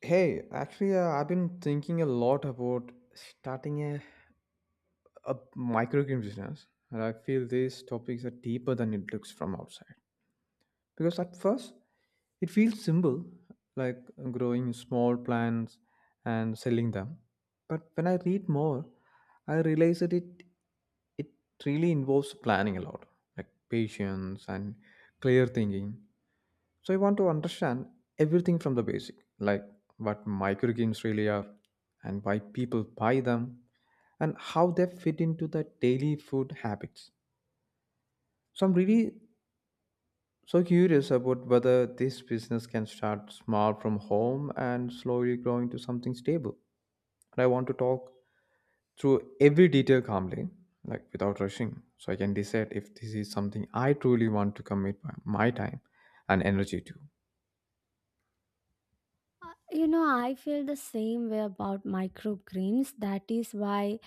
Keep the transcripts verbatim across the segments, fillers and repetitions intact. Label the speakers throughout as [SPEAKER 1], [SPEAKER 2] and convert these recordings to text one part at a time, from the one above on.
[SPEAKER 1] Hey, actually, uh, I've been thinking a lot about starting a, a microgame business, and I feel these topics are deeper than it looks from outside. Because at first, it feels simple, like growing small plants and selling them. But when I read more, I realize that it it really involves planning a lot, like patience and clear thinking. So I want to understand everything from the basic, like what microgames really are and why people buy them and how they fit into the daily food habits. So I'm really so curious about whether this business can start small from home and slowly grow into something stable. And I want to talk through every detail calmly, like without rushing, so I can decide if this is something I truly want to commit my my time and energy to.
[SPEAKER 2] Uh, You know, I feel the same way about microgreens. That is why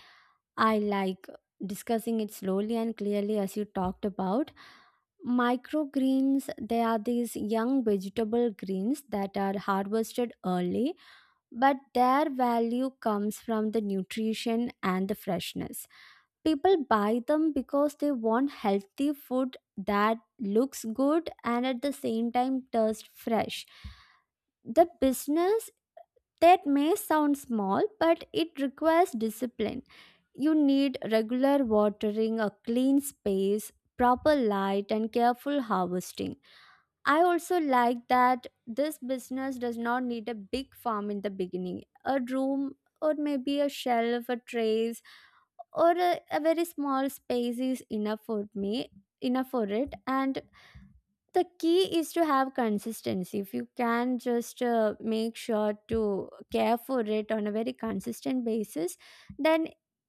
[SPEAKER 2] I like discussing it slowly and clearly, as you talked about. Microgreens, they are these young vegetable greens that are harvested early, but their value comes from the nutrition and the freshness. People buy them because they want healthy food that looks good and at the same time tastes fresh. The business that may sound small, but it requires discipline. You need regular watering, a clean space, proper light, and careful harvesting. I also like that this business does not need a big farm in the beginning. A room, or maybe a shelf, a trays, or a, a very small space is enough for me, enough for it, and the key is to have consistency. If you can just uh, make sure to care for it on a very consistent basis, then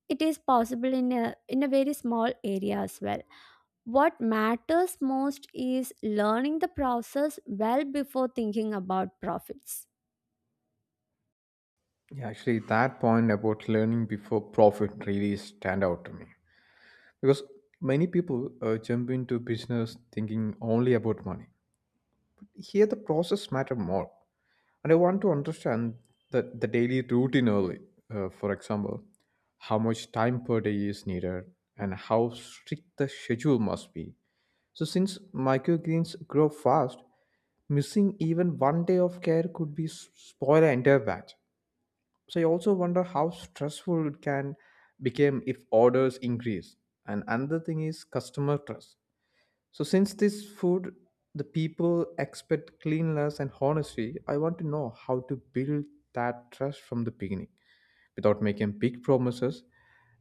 [SPEAKER 2] it is possible in a in a very small area as well. What matters most is learning the process well before thinking about profits.
[SPEAKER 1] Yeah, actually, that point about learning before profit really stand out to me because many people uh, jump into business thinking only about money. Here, the process matter more, and I want to understand the the daily routine early. Uh, for example, how much time per day is needed and how strict the schedule must be. So, since microgreens grow fast, missing even one day of care could be s- spoil an entire batch. So I also wonder how stressful it can become if orders increase. And another thing is customer trust. So since this food, the people expect cleanliness and honesty, I want to know how to build that trust from the beginning without making big promises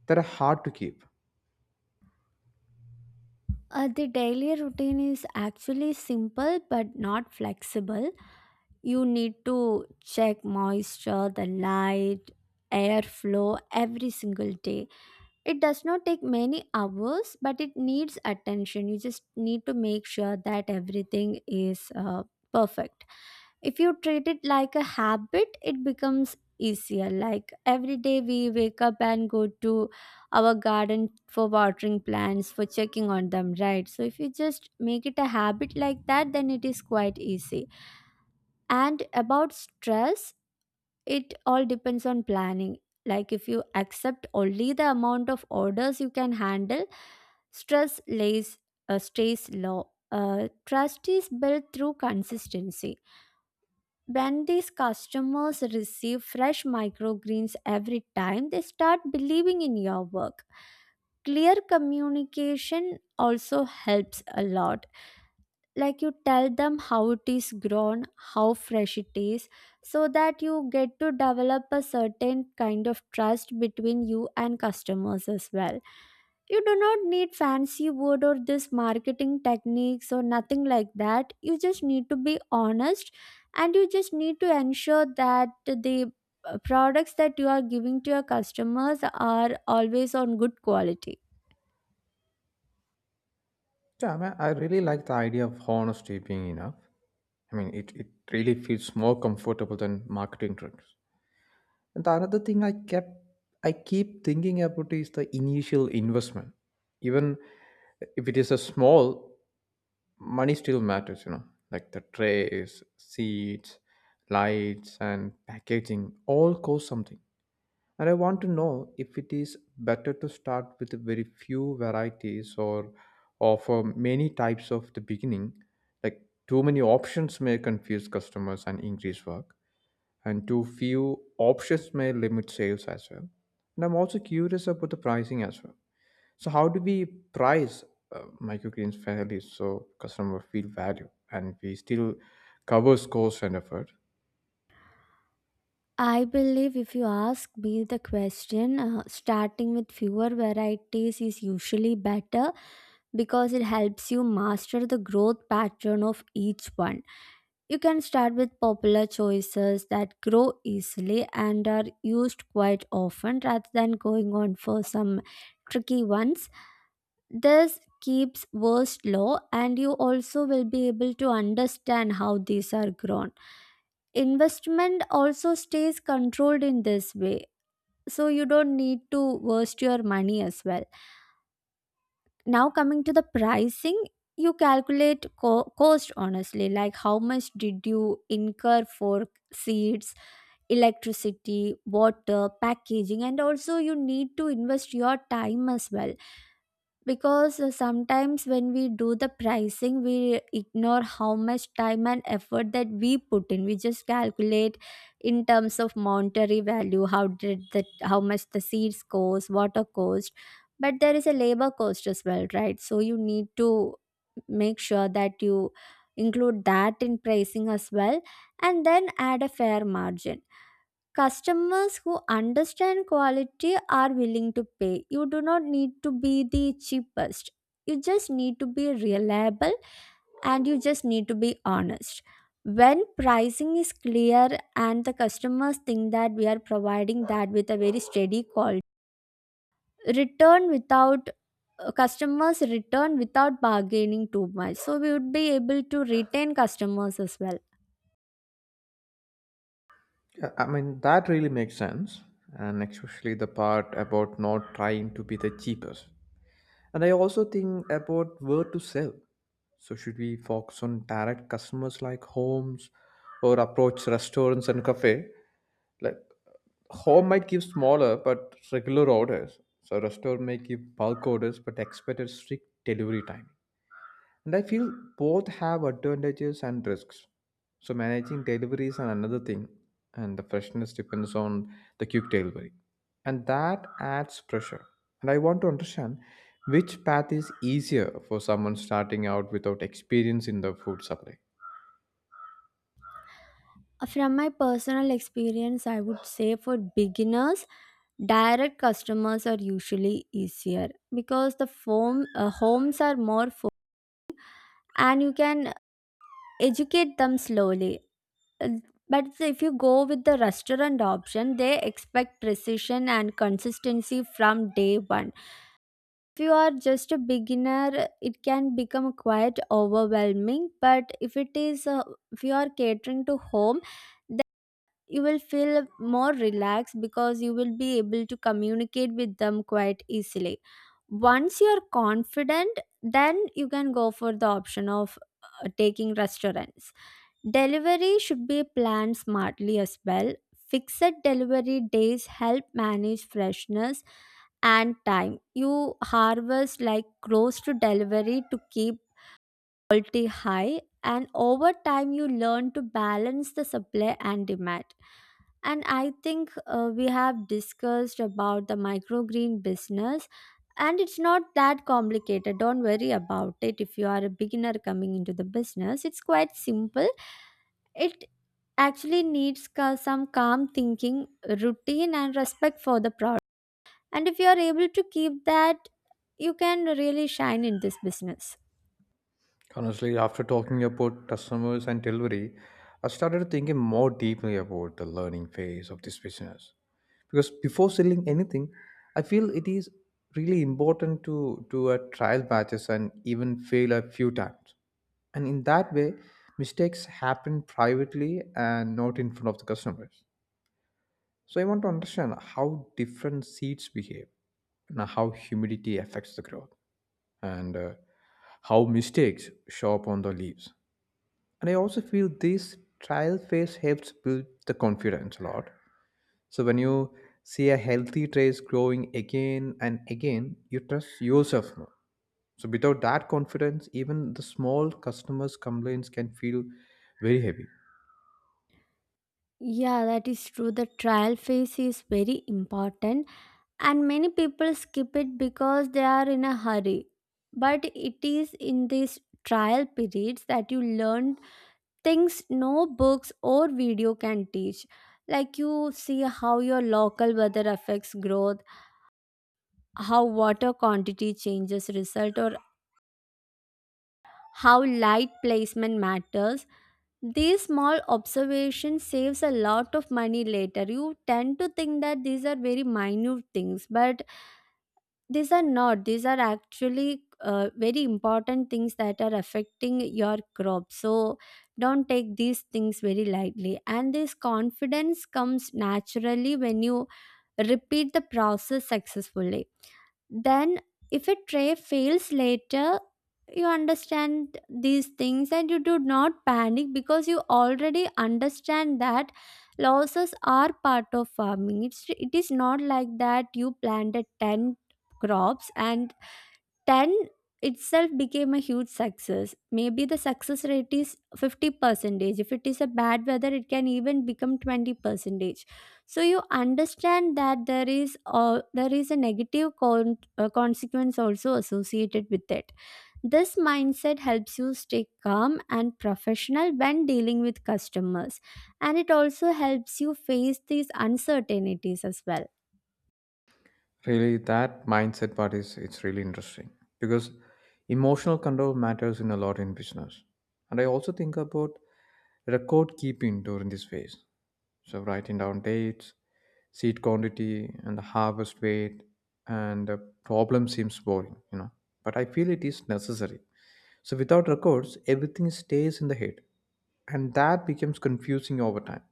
[SPEAKER 1] that are hard to keep.
[SPEAKER 2] uh, The daily routine is actually simple but not flexible. You need to check moisture, the light, airflow every single day. It does not take many hours, but it needs attention. You just need to make sure that everything is uh, perfect. If you treat it like a habit, it becomes easier. Like every day, we wake up and go to our garden for watering plants, for checking on them, right? So, if you just make it a habit like that, then it is quite easy. And about stress, it all depends on planning. Like if you accept only the amount of orders you can handle, stress lays uh, stays low. Uh, trust is built through consistency. When these customers receive fresh microgreens every time, they start believing in your work. Clear communication also helps a lot, like you tell them how it is grown, how fresh it is, so that you get to develop a certain kind of trust between you and customers as well. You do not need fancy wood or this marketing techniques or nothing like that. You just need to be honest, and you just need to ensure that the uh, products that you are giving to your customers are always on good quality.
[SPEAKER 1] Yeah, I, mean, I really like the idea of honesty being enough. I mean, it, it really feels more comfortable than marketing tricks. And the another thing I kept I keep thinking about is the initial investment. Even if it is a small, money still matters, you know, like the trays, seats, lights and packaging all cost something. And I want to know if it is better to start with very few varieties or offer many types of the beginning. Like too many options may confuse customers and increase work and too few options may limit sales as well. And I'm also curious about the pricing as well. So how do we price uh, microgreens fairly so customer feel value and we still covers cost and effort?
[SPEAKER 2] I believe if you ask me the question, uh, starting with fewer varieties is usually better because it helps you master the growth pattern of each one. You can start with popular choices that grow easily and are used quite often rather than going on for some tricky ones. This keeps worst low, and you also will be able to understand how these are grown. Investment also stays controlled in this way, so you don't need to waste your money as well. Now coming to the pricing, you calculate co- cost honestly, like how much did you incur for seats, electricity, water, packaging, and also you need to invest your time as well, because uh, sometimes when we do the pricing, we ignore how much time and effort that we put in. We just calculate in terms of monetary value how did the how much the seeds cost, water cost, but there is a labor cost as well, right? So you need to make sure that you include that in pricing as well, and then add a fair margin. Customers who understand quality are willing to pay. You do not need to be the cheapest. You just need to be reliable and you just need to be honest. When pricing is clear and the customers think that we are providing that with a very steady quality, return without uh, customers return without bargaining too much. So we would be able to retain customers as well.
[SPEAKER 1] Yeah, I mean that really makes sense, and especially the part about not trying to be the cheapest. And I also think about where to sell. So should we focus on direct customers like homes or approach restaurants and cafe? Like home might give smaller but regular orders. So restaurant may give bulk orders but expect a strict delivery time. And I feel both have advantages and risks. So managing delivery is another thing, and the freshness depends on the quick delivery, and that adds pressure. And I want to understand which path is easier for someone starting out without experience in the food supply.
[SPEAKER 2] From my personal experience, I would say for beginners, direct customers are usually easier because the form uh, homes are more fo- and you can educate them slowly. Uh, but if you go with the restaurant option, they expect precision and consistency from day one. If you are just a beginner, it can become quite overwhelming, but if it is uh, if you are catering to home, you will feel more relaxed because you will be able to communicate with them quite easily. Once you're confident, then you can go for the option of uh, taking restaurants. Delivery should be planned smartly as well. Fixed delivery days help manage freshness and time. You harvest like close to delivery to keep quality high, and over time, you learn to balance the supply and demand. And I think uh, we have discussed about the microgreen business, and it's not that complicated. Don't worry about it if you are a beginner coming into the business. It's quite simple. It actually needs ca- some calm thinking, routine, and respect for the product. And if you are able to keep that, you can really shine in this business.
[SPEAKER 1] Honestly, after talking about customers and delivery, I started thinking more deeply about the learning phase of this business. Because before selling anything, I feel it is really important to do a trial batches and even fail a few times. And in that way, mistakes happen privately and not in front of the customers. So I want to understand how different seeds behave and how humidity affects the growth and uh, how mistakes show up on the leaves and I also feel this trial phase helps build the confidence a lot. So when you see a healthy trace growing again and again, you trust yourself more. So without that confidence, even the small customers' complaints can feel very heavy.
[SPEAKER 2] Yeah, that is true. The trial phase is very important, and many people skip it because they are in a hurry. But it is in these trial periods that you learn things no books or video can teach. Like you see how your local weather affects growth, how water quantity changes result, or how light placement matters. These small observations saves a lot of money later. You tend to think that these are very minute things, but these are not. These are actually uh, very important things that are affecting your crop. So don't take these things very lightly. And this confidence comes naturally when you repeat the process successfully. Then if a tray fails later, you understand these things and you do not panic because you already understand that losses are part of farming. It's it is not like that you planted ten crops and ten itself became a huge success. Maybe the success rate is fifty percentage. If it is a bad weather, it can even become twenty percentage. So you understand that there is uh, there is a negative con- uh, consequence also associated with it. This mindset helps you stay calm and professional when dealing with customers, and it also helps you face these uncertainties as well.
[SPEAKER 1] Really, that mindset part is it's really interesting because emotional control matters in a lot in business. And I also think about record keeping during this phase. So writing down dates, seed quantity, and the harvest weight, and the problem seems boring, you know. But I feel it is necessary. So without records, everything stays in the head, and that becomes confusing over time.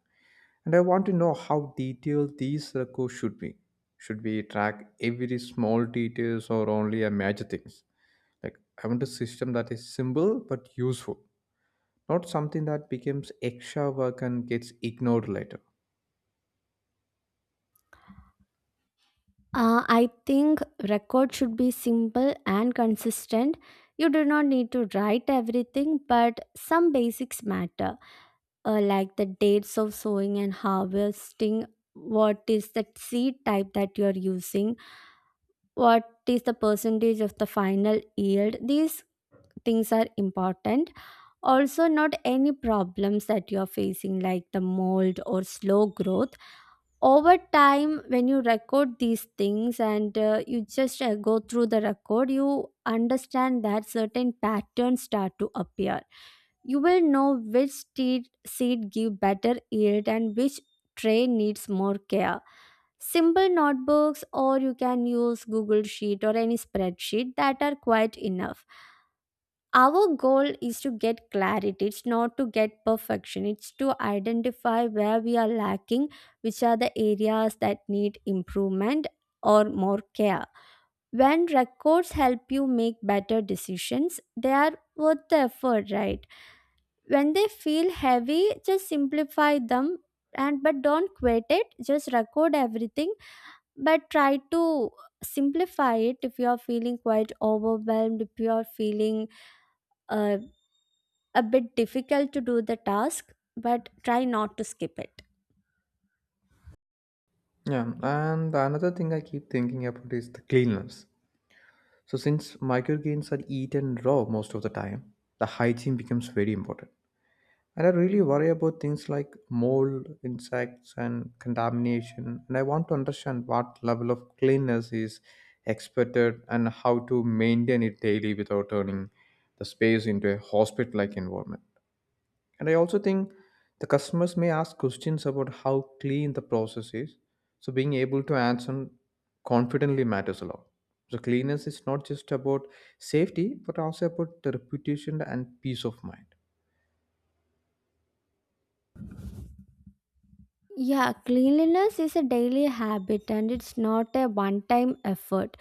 [SPEAKER 1] And I want to know how detailed these records should be. Should we track every small details or only a major things? Like I want a system that is simple but useful, not something that becomes extra work and gets ignored later.
[SPEAKER 2] Uh, I think record should be simple and consistent. You do not need to write everything, but some basics matter, uh, like the dates of sowing and harvesting, what is the seed type that you are using, what is the percentage of the final yield. These things are important. Also, not any problems that you are facing, like the mold or slow growth. Over time, when you record these things and uh, you just uh, go through the record, you understand that certain patterns start to appear. You will know which seed, seed give better yield and which tray needs more care. Simple notebooks or you can use Google sheet or any spreadsheet that are quite enough. Our goal is to get clarity. It's not to get perfection. It's to identify where we are lacking, which are the areas that need improvement or more care. When records help you make better decisions, they are worth the effort, right? When they feel heavy, just simplify them. And but don't quit it, just record everything, but try to simplify it if you are feeling quite overwhelmed, if you are feeling uh, a bit difficult to do the task, but try not to skip it.
[SPEAKER 1] Yeah, and the another thing I keep thinking about is the cleanliness. So, since microgreens are eaten raw most of the time, the hygiene becomes very important. And I really worry about things like mold, insects, and contamination. And I want to understand what level of cleanliness is expected and how to maintain it daily without turning the space into a hospital like environment. And I also think the customers may ask questions about how clean the process is. So being able to answer confidently matters a lot. So cleanliness is not just about safety, but also about the reputation and peace of mind.
[SPEAKER 2] Yeah, cleanliness is a daily habit, and it's not a one time effort.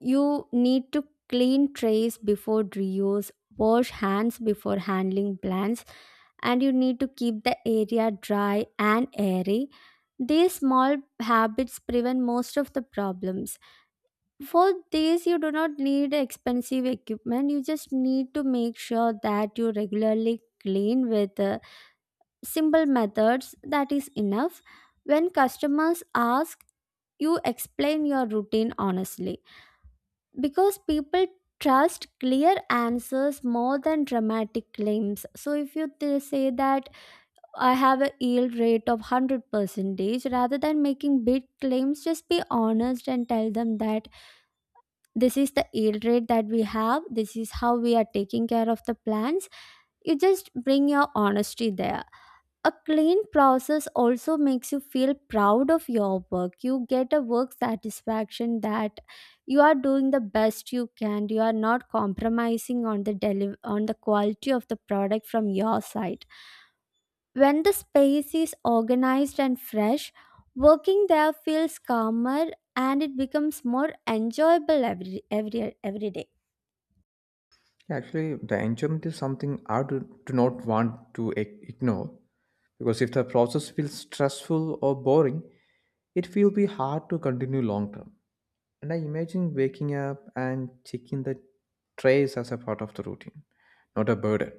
[SPEAKER 2] You need to clean trays before reuse, wash hands before handling plants, and you need to keep the area dry and airy. These small habits prevent most of the problems. For this, you do not need expensive equipment. You just need to make sure that you regularly clean with uh, simple methods, that is enough. When customers ask, you explain your routine honestly, because people trust clear answers more than dramatic claims. So if you th- say that I have a yield rate of one hundred percentage rather than making big claims, just be honest and tell them that this is the yield rate that we have, this is how we are taking care of the plants. You just bring your honesty there. A clean process also makes you feel proud of your work. You get a work satisfaction that you are doing the best you can. You are not compromising on the deli- on the quality of the product from your side. When the space is organized and fresh, working there feels calmer, and it becomes more enjoyable every every every day.
[SPEAKER 1] Actually, the enjoyment is something I do, do not want to ig- ignore because if the process feels stressful or boring, it will be hard to continue long term. And I imagine waking up and checking the trays as a part of the routine, not a burden.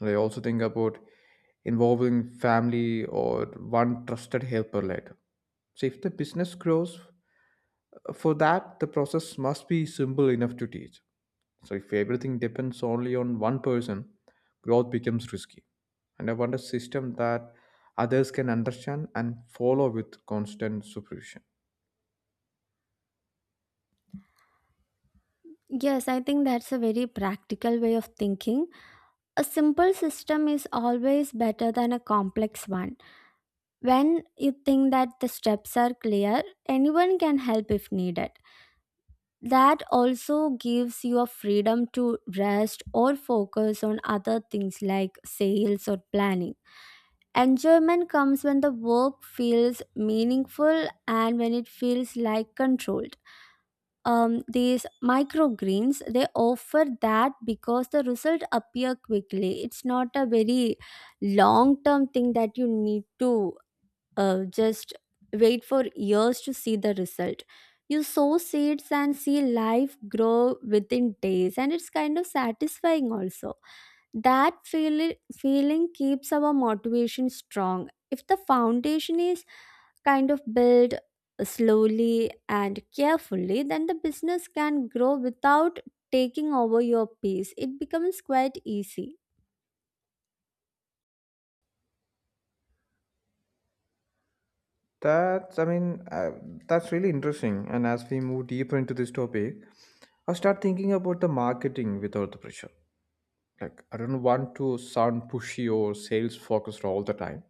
[SPEAKER 1] And I also think about involving family or one trusted helper later. So if the business grows, uh, for that the process must be simple enough to teach. So if everything depends only on one person, growth becomes risky. And I want a system that others can understand and follow with constant supervision.
[SPEAKER 2] Yes, I think that's a very practical way of thinking. A simple system is always better than a complex one. When you think that the steps are clear, anyone can help if needed. That also gives you a freedom to rest or focus on other things like sales or planning. Enjoyment comes when the work feels meaningful and when it feels like controlled. Um, these microgreens they offer that because the result appear quickly. It's not a very long term thing that you need to uh, just wait for years to see the result. You sow seeds and see life grow within days, and it's kind of satisfying also. That feel- feeling keeps our motivation strong. If the foundation is kind of built slowly and carefully, then the business can grow without taking over your peace. It becomes quite easy.
[SPEAKER 1] That's, I mean, uh, that's really interesting. And as we move deeper into this topic, I start thinking about the marketing without the pressure. Like, I don't want to sound pushy or sales focused all the time.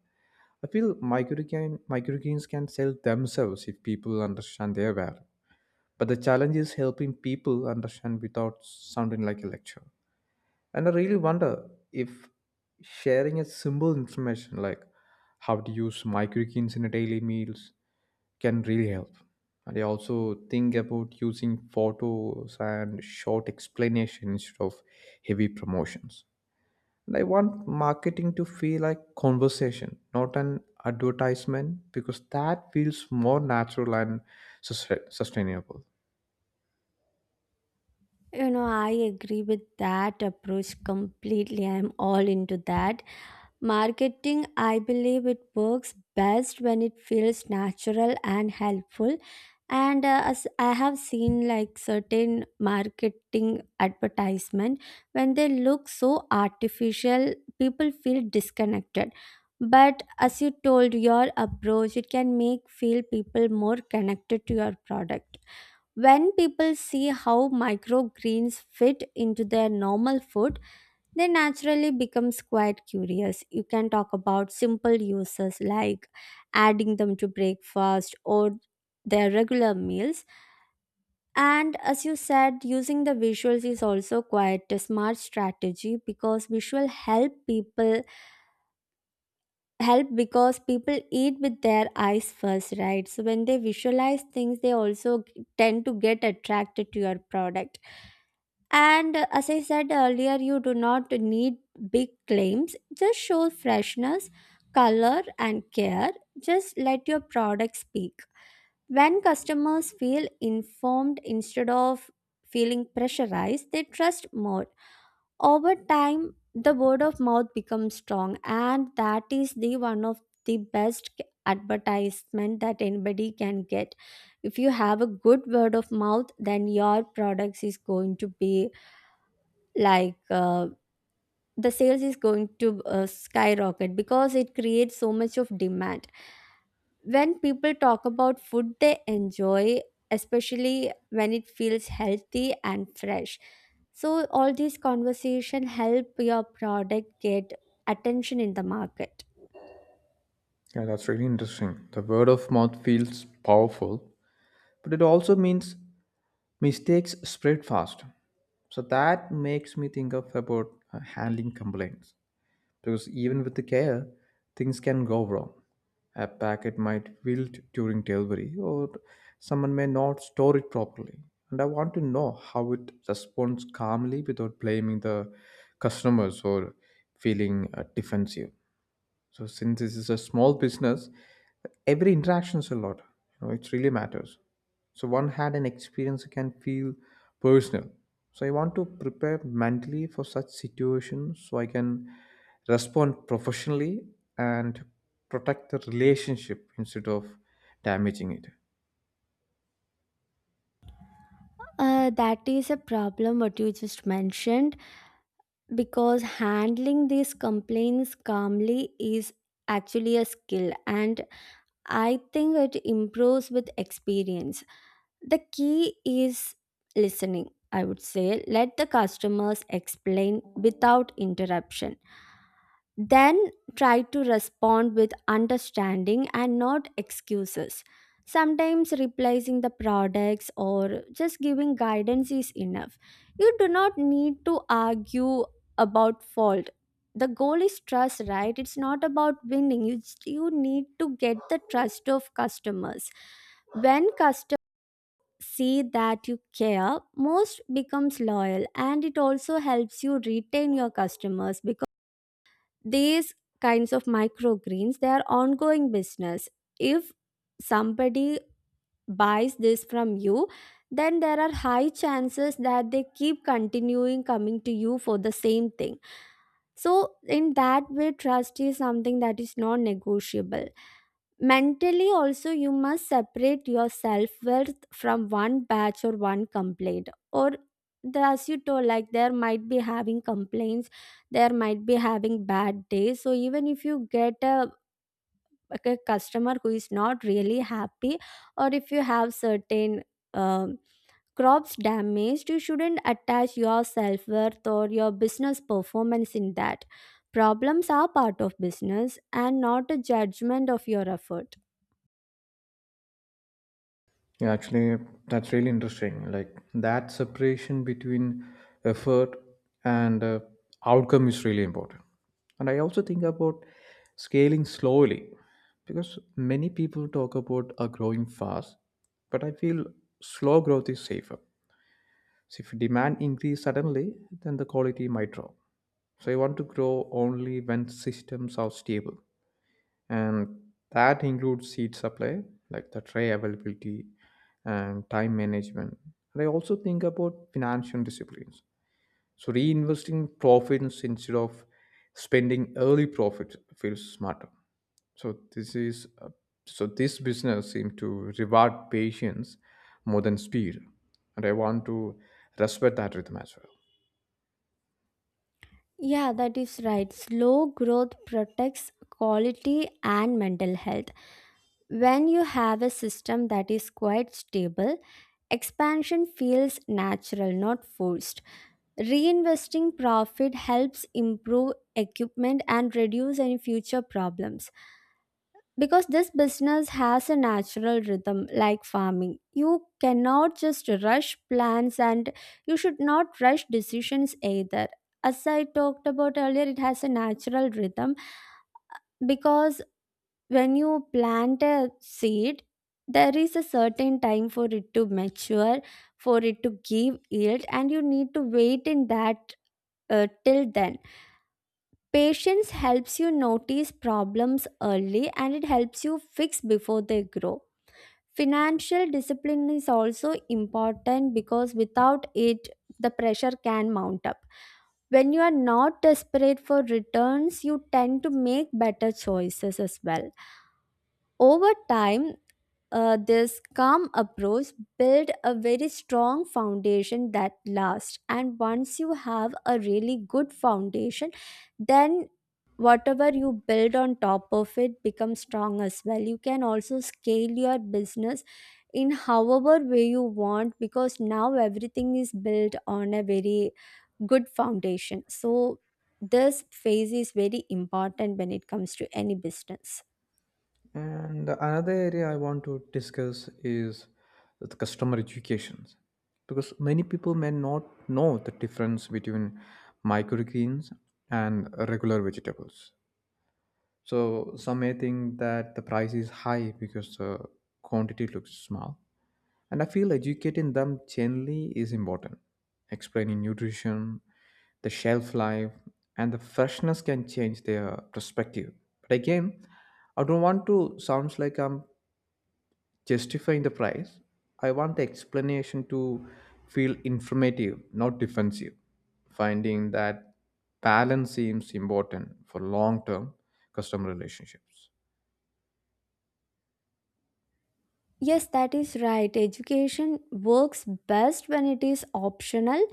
[SPEAKER 1] I feel microgain, microgains can sell themselves if people understand their value. But the challenge is helping people understand without sounding like a lecture. And I really wonder if sharing a simple information like how to use microgains in a daily meals can really help. And I also think about using photos and short explanation instead of heavy promotions. And I want marketing to feel like conversation, not an advertisement, because that feels more natural and sus- sustainable.
[SPEAKER 2] You know, I agree with that approach completely. I'm all into that. Marketing, I believe it works best when it feels natural and helpful. And uh, as I have seen like certain marketing advertisement, when they look so artificial, people feel disconnected. But as you told, your approach, it can make feel people more connected to your product. When people see how microgreens fit into their normal food, they naturally becomes quite curious. You can talk about simple uses like adding them to breakfast or their regular meals. And as you said, using the visuals is also quite a smart strategy because visual help people help because people eat with their eyes first, right? So when they visualize things, they also tend to get attracted to your product. And uh, as I said earlier, you do not need big claims. Just show freshness, color, and care. Just let your product speak. When customers feel informed instead of feeling pressurized, they trust more. Over time, the word of mouth becomes strong, and that is the one of the best c- advertisement that anybody can get. If you have a good word of mouth, then your products is going to be like uh, the sales is going to uh, skyrocket because it creates so much of demand when people talk about food they enjoy, especially when it feels healthy and fresh. So all these conversation help your product get attention in the market.
[SPEAKER 1] Yeah, that's really interesting. The word of mouth feels powerful, but it also means mistakes spread fast. So that makes me think of about uh, handling complaints because even with the care, things can go wrong. A packet might wilt during delivery, or someone may not store it properly. And I want to know how it responds calmly without blaming the customers or feeling uh, defensive. So since this is a small business, every interaction is a lot. You know, it really matters. So one had an experience can feel personal. So I want to prepare mentally for such situations so I can respond professionally and protect the relationship instead of damaging it.
[SPEAKER 2] Uh, that is a problem what you just mentioned, because handling these complaints calmly is actually a skill, and I think it improves with experience. The key is listening, I would say. Let the customers explain without interruption. Then try to respond with understanding and not excuses. Sometimes replacing the products or just giving guidance is enough. You do not need to argue about fault. The goal is trust, right? It's not about winning. You you need to get the trust of customers. When customers see that you care, most becomes loyal, and it also helps you retain your customers, because these kinds of microgreens they are ongoing business. If somebody buys this from you, then there are high chances that they keep continuing coming to you for the same thing. So, in that way, trust is something that is non negotiable. Mentally, also, you must separate your self worth from one batch or one complaint. Or, the, as you told, like there might be having complaints, there might be having bad days. So, even if you get a like a customer who is not really happy, or if you have certain um, crops damaged, you shouldn't attach your self-worth or your business performance in that. Problems are part of business and not a judgment of your effort.
[SPEAKER 1] Yeah, actually, that's really interesting. Like that separation between effort and uh, outcome is really important. And I also think about scaling slowly because many people talk about a growing fast, but I feel slow growth is safer. So if demand increase suddenly, then the quality might drop. So I want to grow only when systems are stable and that includes seed supply like the tray availability and time management, and I also think about financial disciplines. So reinvesting profits instead of spending early profits feels smarter. so this is uh, so this business seems to reward patience more than speed, and I want to respect that rhythm as well.
[SPEAKER 2] Yeah, that is right. Slow growth protects quality and mental health. When you have a system that is quite stable, expansion feels natural, not forced. Reinvesting profit helps improve equipment and reduce any future problems. Because this business has a natural rhythm, like farming, you cannot just rush plans and you should not rush decisions either. As I talked about earlier, it has a natural rhythm, because when you plant a seed, there is a certain time for it to mature, for it to give yield, and you need to wait in that uh, till then. Patience helps you notice problems early, and it helps you fix before they grow. Financial discipline is also important, because without it the pressure can mount up. When you are not desperate for returns, you tend to make better choices as well. Over time, uh, this calm approach build a very strong foundation that lasts, and once you have a really good foundation, then whatever you build on top of it becomes strong as well. You can also scale your business in however way you want, because now everything is built on a very good foundation. So this phase is very important when it comes to any business.
[SPEAKER 1] And another area I want to discuss is the customer education. Because many people may not know the difference between microgreens and regular vegetables. So some may think that the price is high because the quantity looks small. And I feel educating them generally is important. Explaining nutrition, the shelf life, and the freshness can change their perspective. But again, I don't want to sound like I'm justifying the price, I want the explanation to feel informative, not defensive. Finding that balance seems important for long term customer relationships.
[SPEAKER 2] Yes, that is right. Education works best when it is optional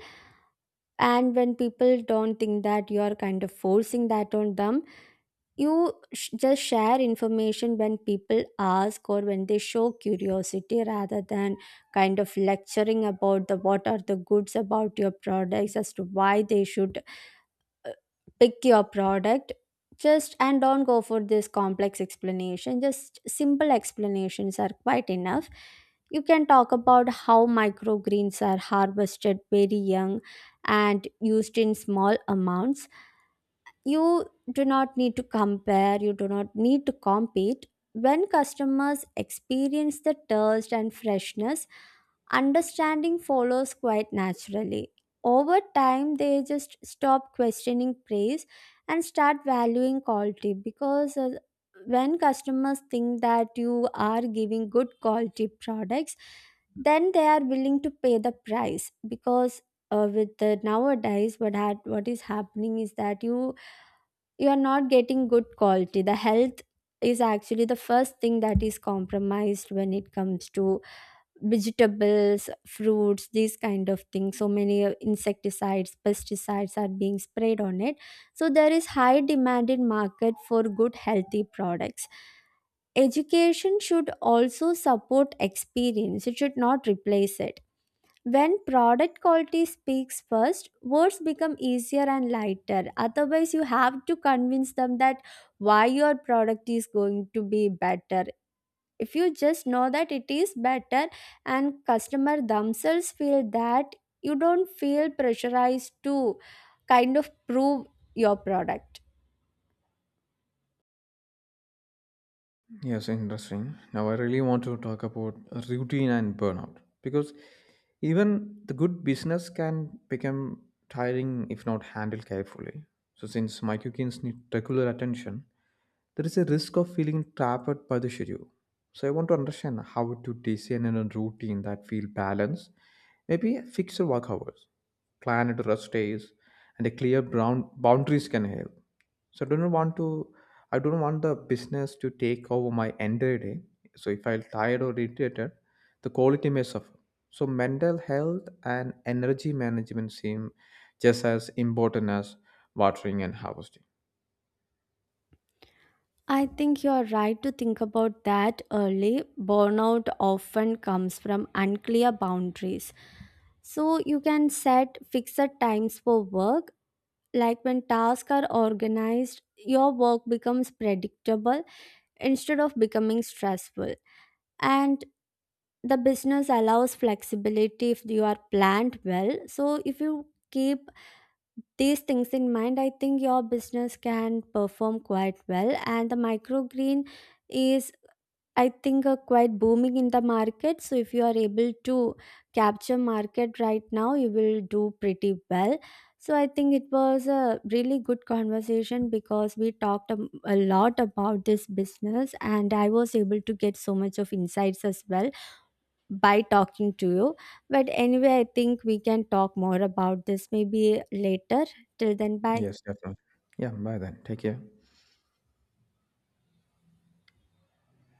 [SPEAKER 2] and when people don't think that you are kind of forcing that on them. You sh- just share information when people ask or when they show curiosity, rather than kind of lecturing about the what are the goods about your products as to why they should uh, pick your product. Just and don't go for this complex explanation. Just simple explanations are quite enough. You can talk about how microgreens are harvested very young and used in small amounts. You do not need to compare, you do not need to compete. When customers experience the taste and freshness, understanding follows quite naturally. Over time, they just stop questioning praise and start valuing quality, because uh, when customers think that you are giving good quality products, then they are willing to pay the price, because uh, with the nowadays what had what is happening is that you you are not getting good quality. The health is actually the first thing that is compromised when it comes to vegetables, fruits, these kind of things. So many uh, insecticides, pesticides are being sprayed on it. So there is high demand in market for good healthy products. Education should also support experience, it should not replace it. When product quality speaks first, words become easier and lighter. Otherwise, you have to convince them that why your product is going to be better. If you just know that it is better and customer themselves feel that, you don't feel pressurized to kind of prove your product.
[SPEAKER 1] Yes, interesting. Now, I really want to talk about routine and burnout because even the good business can become tiring if not handled carefully. So, since my cookies need regular attention, there is a risk of feeling trapped by the schedule. So, I want to understand how to design in a routine that feel balanced, maybe fixed work hours, planned rest days, and a clear brown boundaries can help. So, I don't want to I don't want the business to take over my entire day. So if I'm tired or irritated, the quality may suffer. So mental health and energy management seem just as important as watering and harvesting.
[SPEAKER 2] I think you're right to think about that early. Burnout often comes from unclear boundaries. So you can set fixed times for work. Like when tasks are organized, your work becomes predictable instead of becoming stressful. And the business allows flexibility if you are planned well. So if you keep these things in mind, I think your business can perform quite well. And the microgreen is, I think, uh, quite booming in the market. So if you are able to capture market right now, you will do pretty well. So I think it was a really good conversation, because we talked a, a lot about this business, and I was able to get so much of insights as well by talking to you. But anyway, I think we can talk more about this maybe later. Till then, bye.
[SPEAKER 1] Yes, definitely. Yeah, bye then. Take care.